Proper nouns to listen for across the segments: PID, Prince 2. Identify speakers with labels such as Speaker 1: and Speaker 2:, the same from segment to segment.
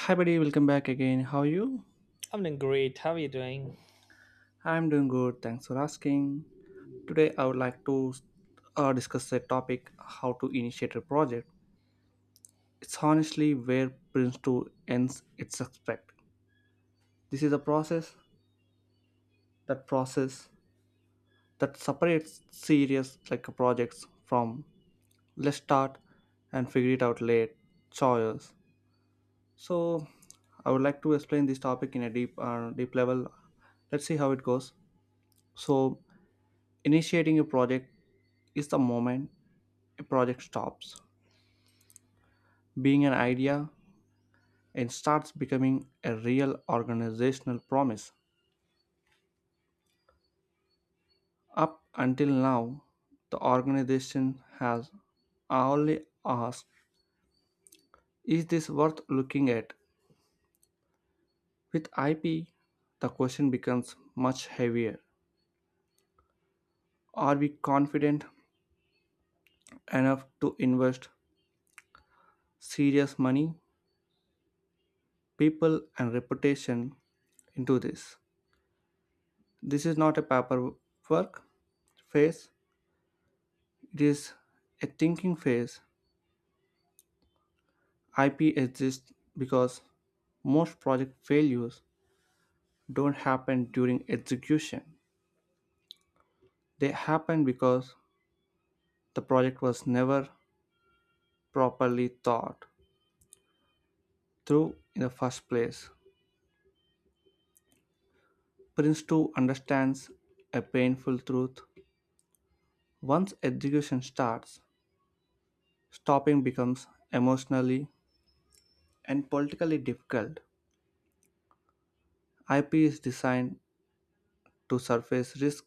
Speaker 1: Hi, buddy, welcome back again. How are you?
Speaker 2: I'm doing great. How are you doing?
Speaker 1: I'm doing good. Thanks for asking. Today, I would like to discuss the topic how to initiate a project. It's honestly where Prince 2 ends its suspect. This is a process that separates serious like projects from let's start and figure it out late choices. So, I would like to explain this topic in a deep deep level. Let's see how it goes. So, initiating a project is the moment a project stops being an idea and starts becoming a real organizational promise. Up until now, the organization has only asked, is this worth looking at? With IP, the question becomes much heavier. Are we confident enough to invest serious money, people, and reputation into this? This is not a paperwork phase, it is a thinking phase. IP exists because most project failures don't happen during execution. They happen because the project was never properly thought through in the first place. Prince 2 understands a painful truth. Once execution starts, stopping becomes emotionally and politically difficult. IP is designed to surface risk,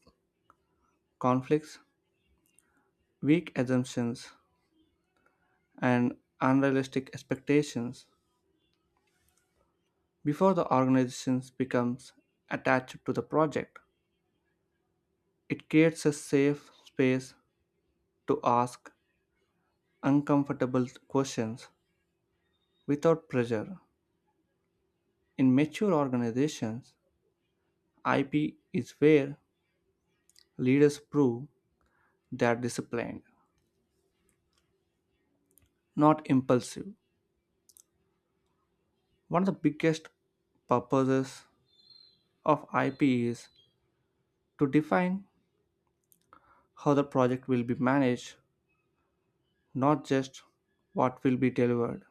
Speaker 1: conflicts, weak assumptions, and unrealistic expectations before the organization becomes attached to the project. It creates a safe space to ask uncomfortable questions without pressure. In mature organizations, IP is where leaders prove they are disciplined, not impulsive. One of the biggest purposes of IP is to define how the project will be managed, not just what will be delivered.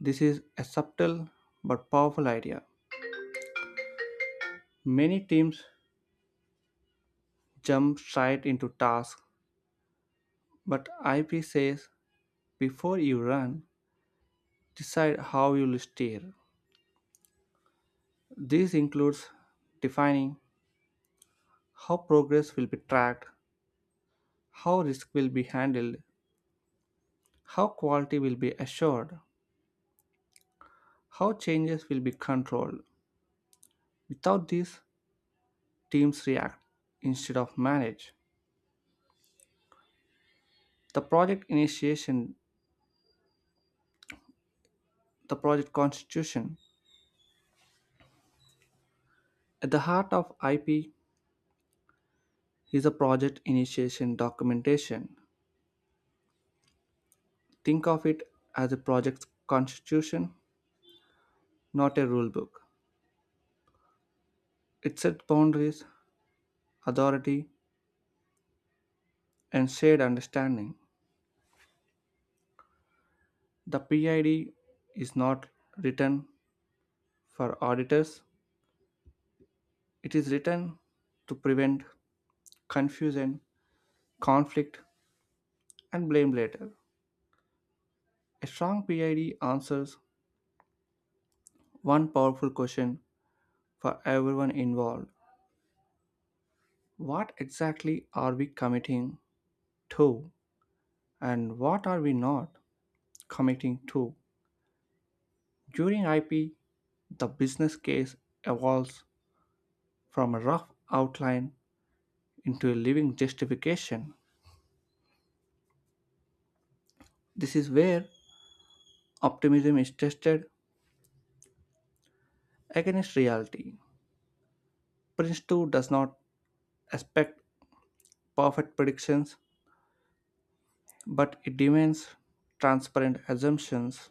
Speaker 1: This is a subtle but powerful idea. Many teams jump straight into tasks, but IP says before you run, decide how you'll steer. This includes defining how progress will be tracked, how risk will be handled, how quality will be assured, how changes will be controlled. Without this, teams react instead of manage. The project initiation, the project constitution. At the heart of IP is a project initiation documentation. Think of it as a project's constitution, not a rule book. It sets boundaries, authority, and shared understanding. The PID is not written for auditors, it is written to prevent confusion, conflict, and blame later. A strong PID answers one powerful question for everyone involved: what exactly are we committing to? And what are we not committing to? During IP, the business case evolves from a rough outline into a living justification. This is where optimism is tested against reality. Prince 2 does not expect perfect predictions, but it demands transparent assumptions.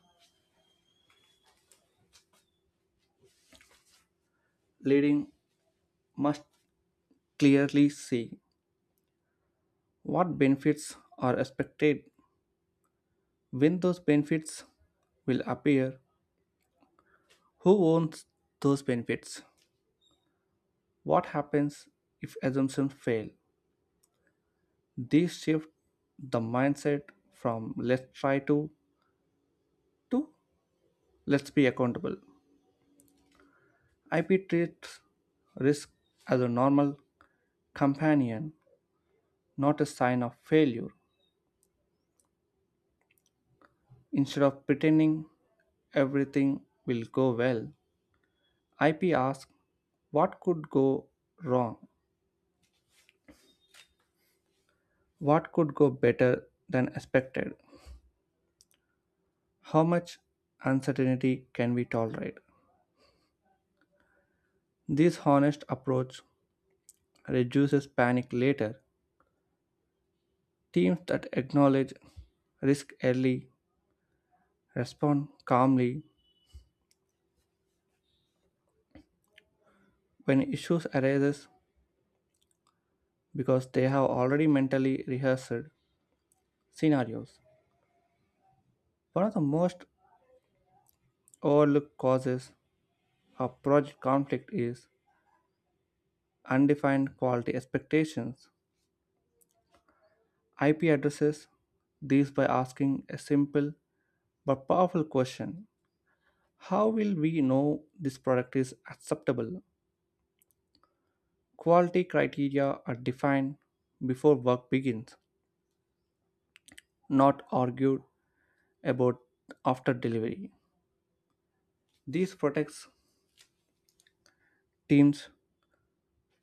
Speaker 1: Leading must clearly see what benefits are expected, when those benefits will appear, who owns those benefits? What happens if assumptions fail? These shift the mindset from let's try to let's be accountable. IP treats risk as a normal companion, not a sign of failure. Instead of pretending everything will go well, IP asks what could go wrong? What could go better than expected? How much uncertainty can we tolerate? This honest approach reduces panic later. Teams that acknowledge risk early respond calmly when issues arise because they have already mentally rehearsed scenarios. One of the most overlooked causes of project conflict is undefined quality expectations. IP addresses these by asking a simple but powerful question: how will we know this product is acceptable? Quality criteria are defined before work begins, not argued about after delivery. This protects teams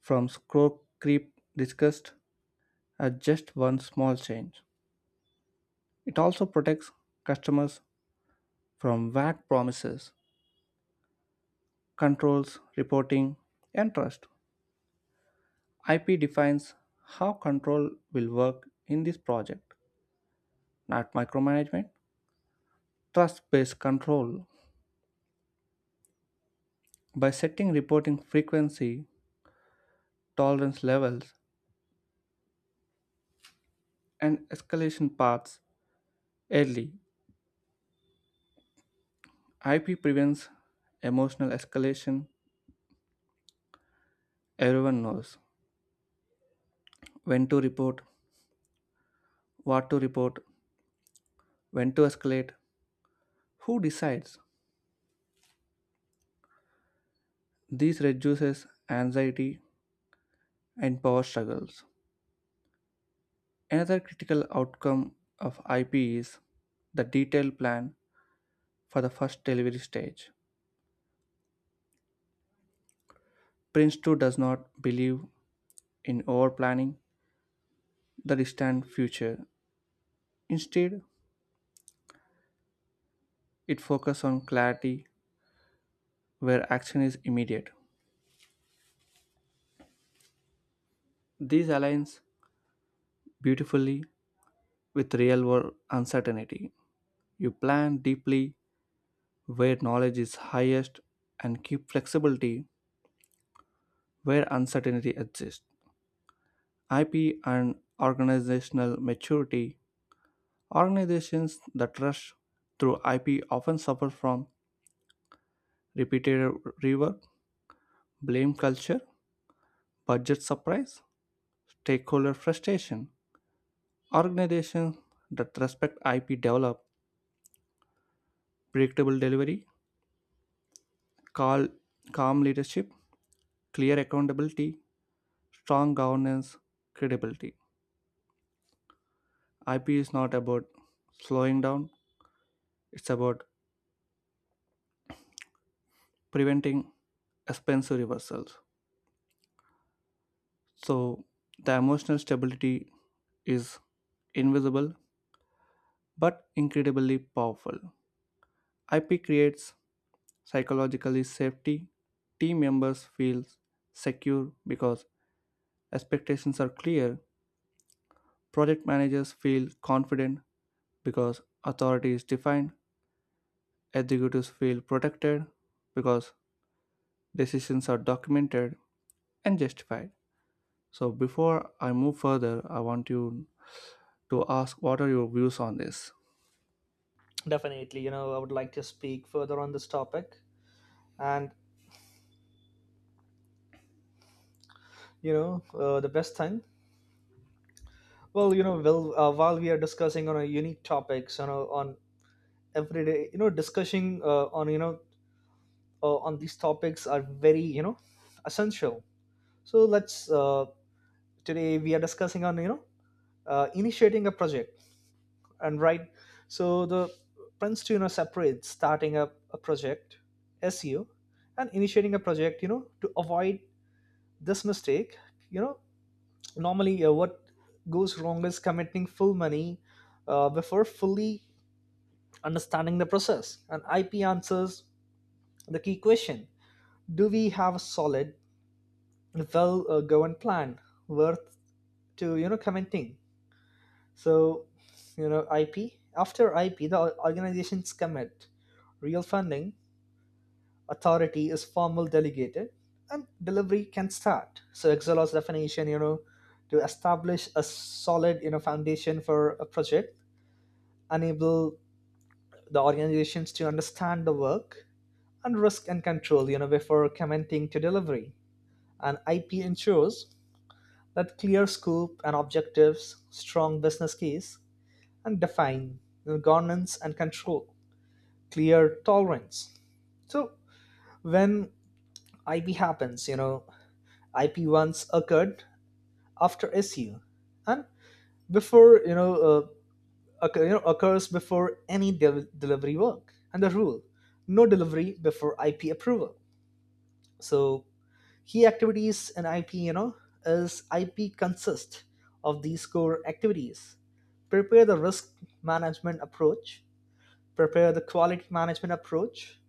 Speaker 1: from score creep discussed as just one small change. It also protects customers from vague promises, controls, reporting, and trust. IP defines how control will work in this project, not micromanagement. Trust based control by setting reporting frequency, tolerance levels, and escalation paths early. IP prevents emotional escalation. Everyone knows when to report, what to report, when to escalate, who decides. This reduces anxiety and power struggles. Another critical outcome of IP is the detailed plan for the first delivery stage. Prince 2 does not believe in over planning the distant future. Instead, it focuses on clarity where action is immediate. This aligns beautifully with real world uncertainty. You plan deeply where knowledge is highest and keep flexibility where uncertainty exists. IP and organizational maturity. Organizations that rush through IP often suffer from repetitive rework, blame culture, budget surprise, stakeholder frustration. Organizations that respect IP develop predictable delivery, cal- calm leadership, clear accountability, strong governance, credibility. IP is not about slowing down, it's about preventing expensive reversals. So, the emotional stability is invisible but incredibly powerful. IP creates psychologically safety. Team members feel secure because expectations are clear. Project managers feel confident because authority is defined, executives feel protected because decisions are documented and justified. So, before I move further, I want you to ask what are your views on this?
Speaker 2: Definitely, I would like to speak further on this topic. And, the best thing, well, while we are discussing on a unique topics, on everyday, discussing on, on these topics are very, essential. So let's, today we are discussing on, initiating a project. And right, so the Princeton, separates starting up a project, SEO, and initiating a project, to avoid this mistake, you know normally what goes wrong is committing full money before fully understanding the process. And IP answers the key question: do we have a solid, well, governed plan worth to commenting? So, ip after IP the organizations commit real funding, authority is formal delegated, and delivery can start. So Excelos definition, to establish a solid, foundation for a project, enable the organizations to understand the work and risk and control, before commenting to delivery. And IP ensures that clear scope and objectives, strong business case, and define you governance and control, clear tolerance. So when IP happens, IP once occurred after SU and before, occurs before any delivery work, and the rule: no delivery before IP approval. So key activities in IP, is IP consist of these core activities: prepare the risk management approach, prepare the quality management approach,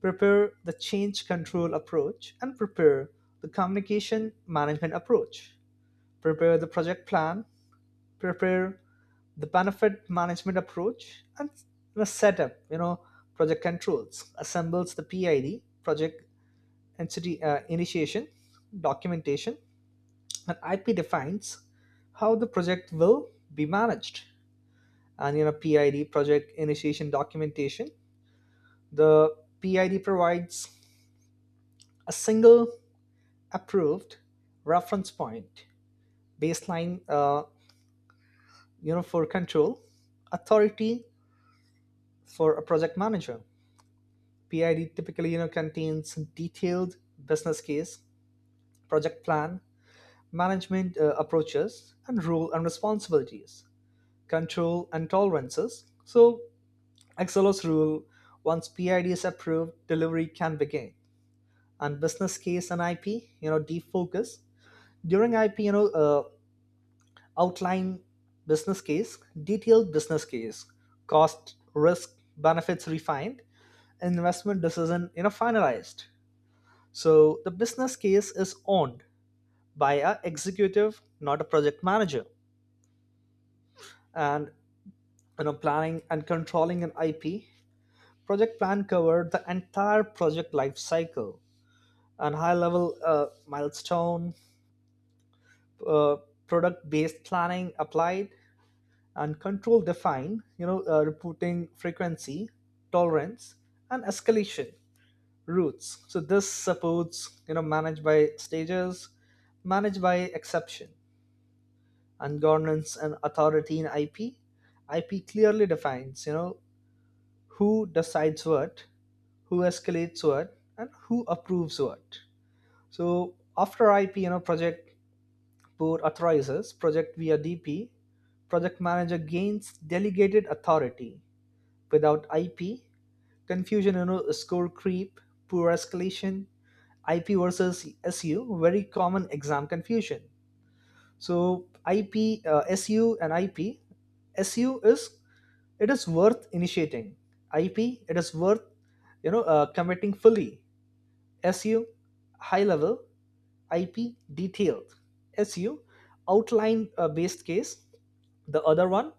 Speaker 2: prepare the change control approach, and prepare the communication management approach, prepare the project plan, prepare the benefit management approach, and set up, project controls, assembles the PID, project entity initiation documentation, and IP defines how the project will be managed. And, PID, project initiation documentation. The PID provides a single approved reference point, baseline, for control authority for a project manager. PID typically, contains detailed business case, project plan, management approaches, and role and responsibilities, control and tolerances. So Excelos rule: once PID is approved, delivery can begin. And business case and IP, defocus during IP, outline business case, detailed business case, cost, risk, benefits refined, investment decision, finalized. So the business case is owned by a executive, not a project manager. And, planning and controlling an IP: project plan covered the entire project life cycle and high level milestone, uh, product based planning applied, and control defined. Reporting frequency, tolerance, and escalation routes. So this supports, managed by stages, managed by exception, and governance and authority in IP. IP clearly defines, who decides what, who escalates what, and who approves what. So after IP, project board authorizes, project via DP, project manager gains delegated authority. Without IP: confusion, score creep, poor escalation. IP versus SU, very common exam confusion. So IP, SU and IP. SU is it is worth initiating. IP, it is worth, committing fully. SU: high level. IP: detailed. SU: outline based case. The other one: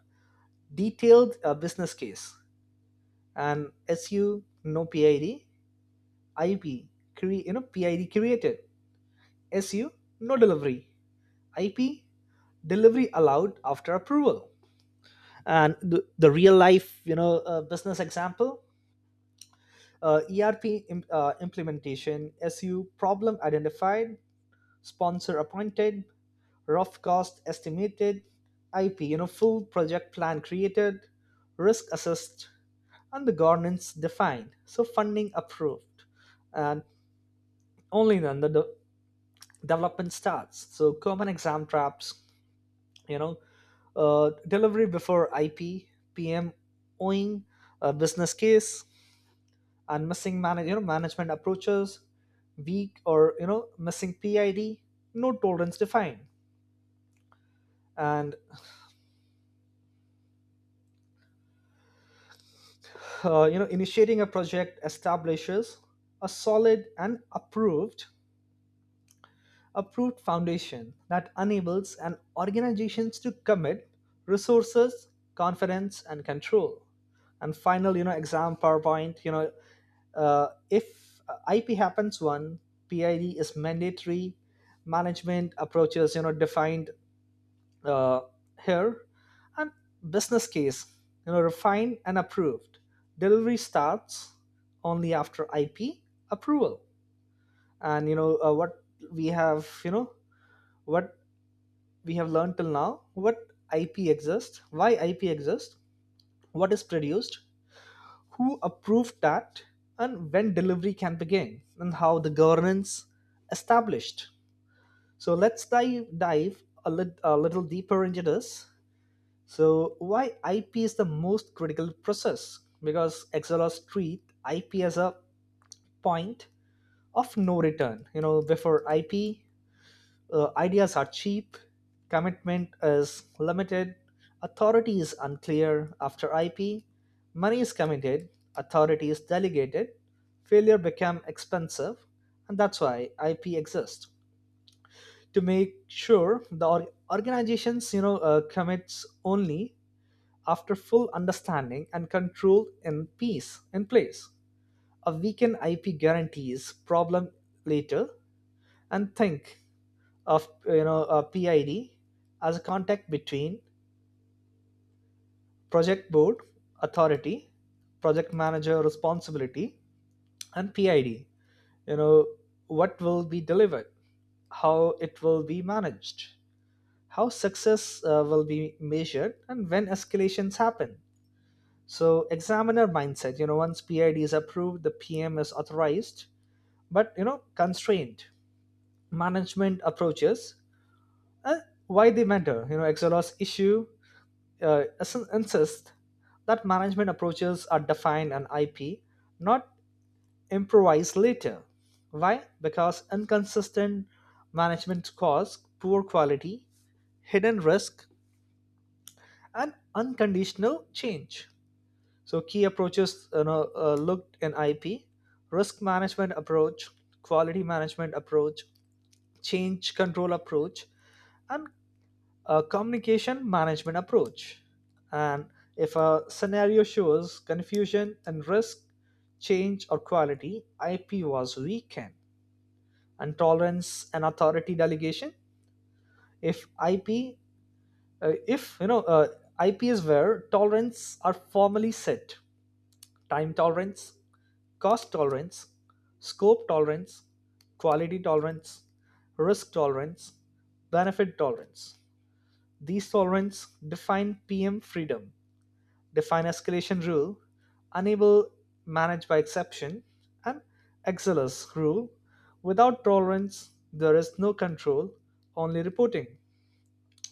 Speaker 2: detailed business case. And SU: no PID. IP: PID created. SU: no delivery. IP: delivery allowed after approval. And the real life, business example: ERP implementation. SU: problem identified, sponsor appointed, rough cost estimated. IP: full project plan created, risk assessed, and the governance defined. So funding approved, and only then the development starts. So common exam traps, you know delivery before IP, PM owing a business case, and missing management approaches, weak or, missing PID, no tolerance defined. And, initiating a project establishes a solid and approved foundation that enables an organizations to commit resources, confidence and control. And final, exam powerpoint, if IP happens: one, PID is mandatory, management approaches, defined uh, here, and business case, refined and approved, delivery starts only after IP approval. And, we have you know what we have learned till now: what IP exists, why IP exists, what is produced, who approved that, and when delivery can begin, and how the governance established. So let's dive a little deeper into this. So why IP is the most critical process? Because Excel or IP as a point of no return. Before IP, ideas are cheap, commitment is limited, authority is unclear. After IP, money is committed, authority is delegated, failure become expensive, and that's why IP exists to make sure the organizations, commits only after full understanding and control in peace in place. A weakened IP guarantees problem later. And think of, a PID as a contact between project board authority, project manager responsibility, and PID. You know what will be delivered, how it will be managed, how success will be measured, and when escalations happen. So examiner mindset, once PID is approved, the PM is authorized, but, constrained management approaches. Uh, why they matter? Exelos issue, uh, is- that management approaches are defined on IP, not improvised later. Why? Because inconsistent management cause poor quality, hidden risk, and unconditional change. So key approaches, looked in IP: risk management approach, quality management approach, change control approach, and communication management approach. And if a scenario shows confusion and risk, change or quality, IP was weakened, and tolerance and authority delegation. If IP, if you know, IP is where tolerance are formally set: time tolerance, cost tolerance, scope tolerance, quality tolerance, risk tolerance, benefit tolerance. These tolerances define PM freedom, define escalation rule, enable manage by exception, and XLS rule: without tolerance, there is no control, only reporting.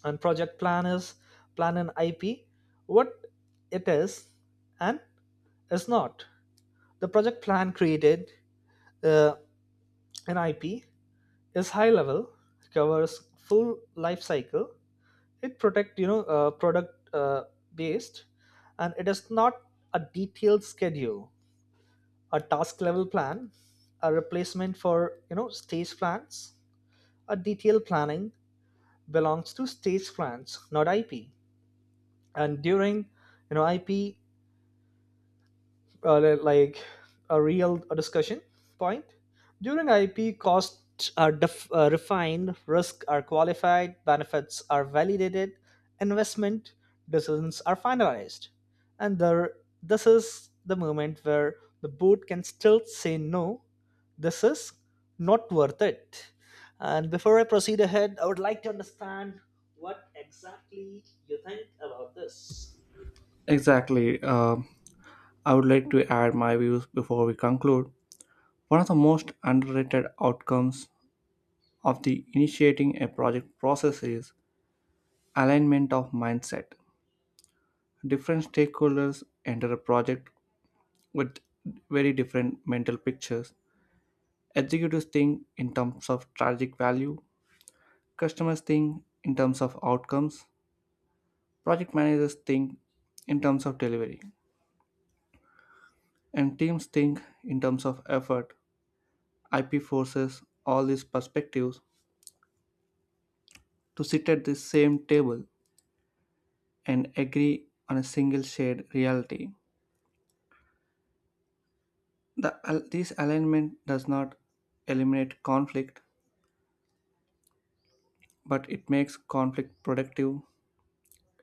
Speaker 2: And project planners plan an IP, what it is and is not. The project plan created, uh, an IP is high level, covers full life cycle. It protect, product based, and it is not a detailed schedule, a task level plan, a replacement for, stage plans. A detailed planning belongs to stage plans, not IP. And during, IP , like a real discussion point: during IP, costs are refined, risks are qualified, benefits are validated, investment decisions are finalized, and there this is the moment where the board can still say no, this is not worth it. And before I proceed ahead, I would like to understand what exactly you think about this.
Speaker 1: Exactly. I would like to add my views before we conclude. One of the most underrated outcomes of the initiating a project process is alignment of mindset. Different stakeholders enter a project with very different mental pictures. Executives think in terms of strategic value, customers think in terms of outcomes, project managers think in terms of delivery, and teams think in terms of effort. IP forces all these perspectives to sit at the same table and agree on a single shared reality. This alignment does not eliminate conflict, but it makes conflict productive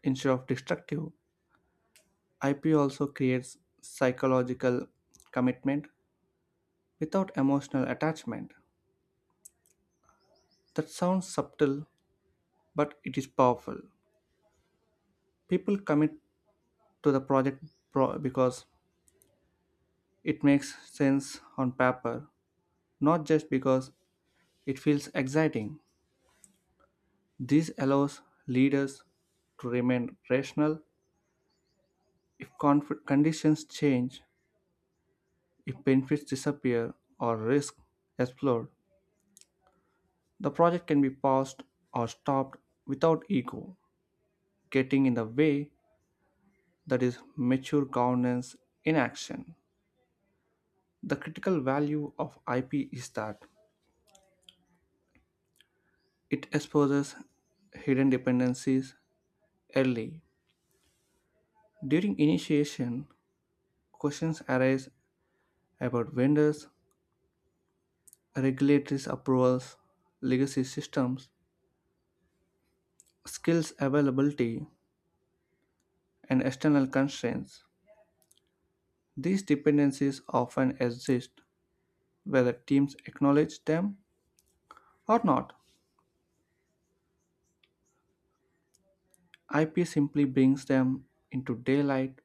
Speaker 1: instead of destructive. IP also creates psychological commitment without emotional attachment. That sounds subtle, but it is powerful. People commit to the project because it makes sense on paper, not just because it feels exciting. This allows leaders to remain rational if conditions change, if benefits disappear, or risk explode. The project can be paused or stopped without ego getting in the way. That is mature governance in action. The critical value of IP is that it exposes hidden dependencies early. During initiation, questions arise about vendors, regulatory approvals, legacy systems, skills availability, and external constraints. These dependencies often exist whether teams acknowledge them or not. IP simply brings them into daylight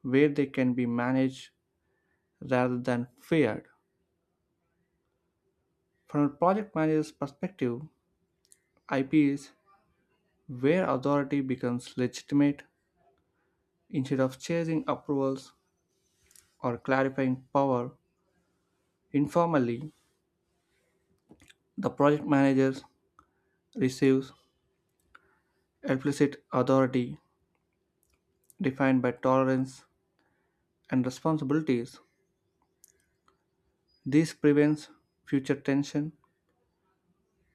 Speaker 1: where they can be managed rather than feared. From a project manager's perspective, IP is where authority becomes legitimate instead of chasing approvals or clarifying power. Informally, the project manager receives explicit authority defined by tolerance and responsibilities. This prevents future tension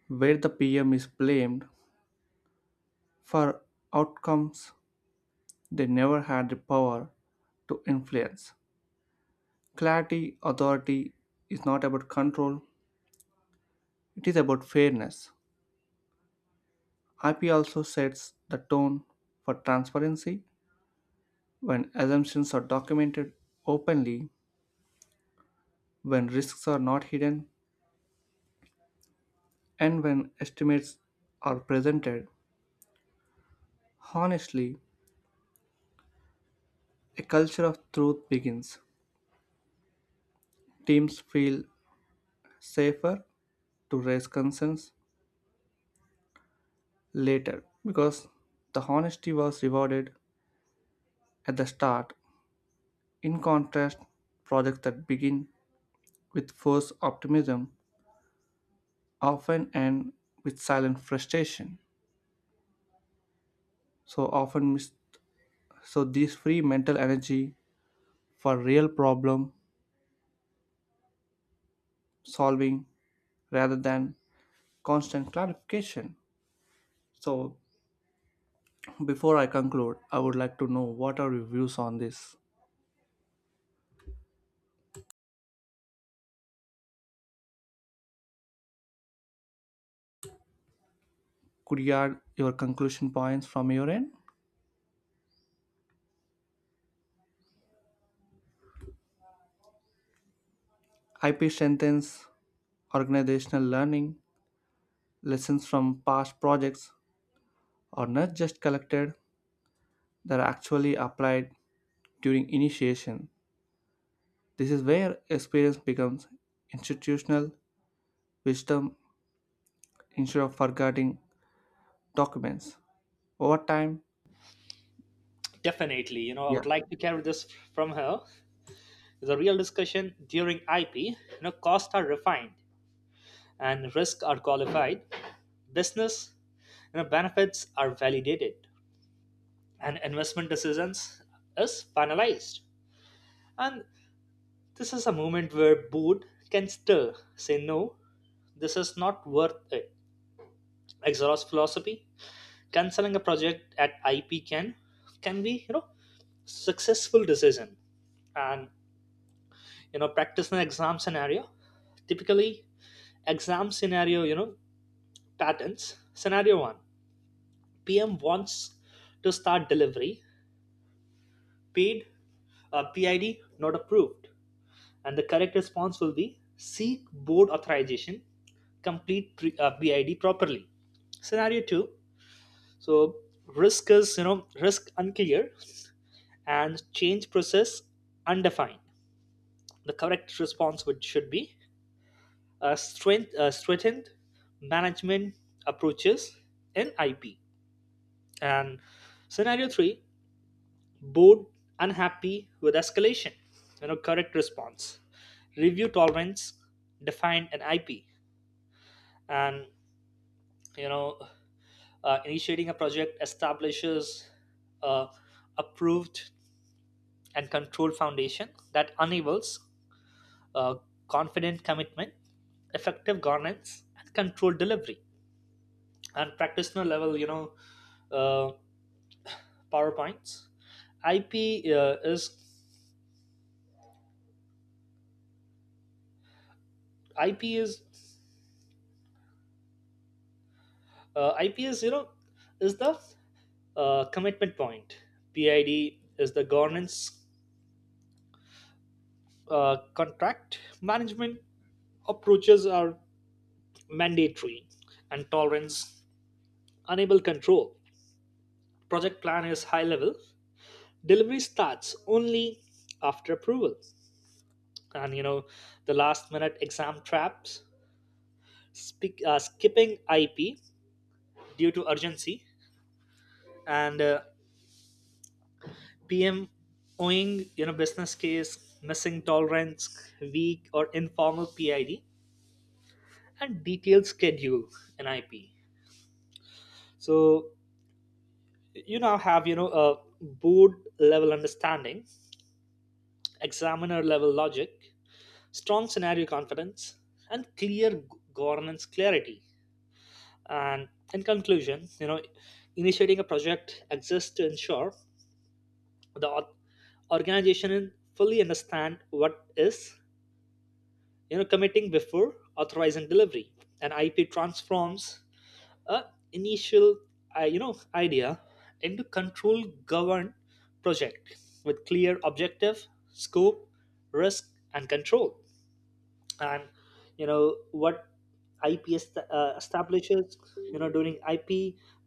Speaker 1: where the PM is blamed for outcomes they never had the power to influence. Clarity authority is not about control, it is about fairness. IP also sets the tone for transparency when assumptions are documented openly, when risks are not hidden, and when estimates are presented. Honestly, a culture of truth begins. Teams feel safer to raise concerns later because the honesty was rewarded at the start. In contrast, projects that begin with forced optimism often end with silent frustration. So often miss so these free mental energy for real problem solving rather than constant clarification. So before I conclude, I would like to know what are your views on this? Could you add your conclusion points from your end? IP strengthens organizational learning. Lessons from past projects are not just collected, they are actually applied during initiation. This is where experience becomes institutional wisdom instead of forgetting documents. Over time,
Speaker 2: Definitely, I
Speaker 1: yeah.
Speaker 2: would like to carry this from her. The real discussion during IP, costs are refined and risks are qualified. Business, benefits are validated and investment decisions is finalized. And this is a moment where board can still say no, this is not worth it. Exhaust philosophy: canceling a project at IP can be, successful decision. And, practice an exam scenario. Typically, exam scenario, patterns. Scenario 1: PM wants to start delivery, paid, PID not approved. And the correct response will be: seek board authorization, complete PID properly. Scenario 2: so risk is, risk unclear and change process undefined. The correct response would should be strengthened management approaches in IP. And scenario three: bored, unhappy with escalation, correct response: review tolerance, define an IP. And, you know, initiating a project establishes a approved and controlled foundation that enables uh, confident commitment, effective governance, and controlled delivery. And practitioner level, uh, PowerPoints. IP uh, is IP is uh, IP is, the commitment point. PID is the governance contract. Management approaches are mandatory, and tolerance unable control. Project plan is high level. Delivery starts only after approval. And, the last minute exam traps: skipping IP due to urgency, and PM owing, business case, missing tolerance, weak or informal PID, and detailed schedule an IP. So you now have, a board level understanding, examiner level logic, strong scenario confidence, and clear governance clarity. And in conclusion, initiating a project exists to ensure the organization fully understand what is, committing before authorizing delivery. An IP transforms, uh, initial idea into control govern project with clear objective, scope, risk and control. And, what IP establishes, during IP: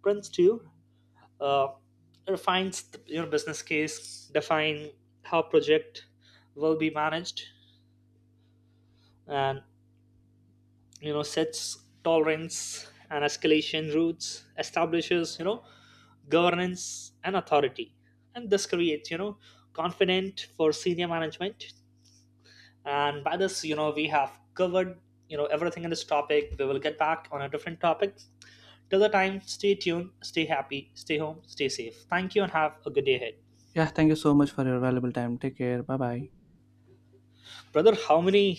Speaker 2: prints to uh, refines the, business case, define how project will be managed, and, sets tolerance and escalation routes, establishes, governance and authority. And this creates, confident for senior management. And by this, we have covered, everything in this topic. We will get back on a different topic. Till the time, stay tuned, stay happy, stay home, stay safe. Thank you and have a good day ahead.
Speaker 1: Yeah, thank you so much for your valuable time. Take care. Bye bye.
Speaker 2: Brother, how many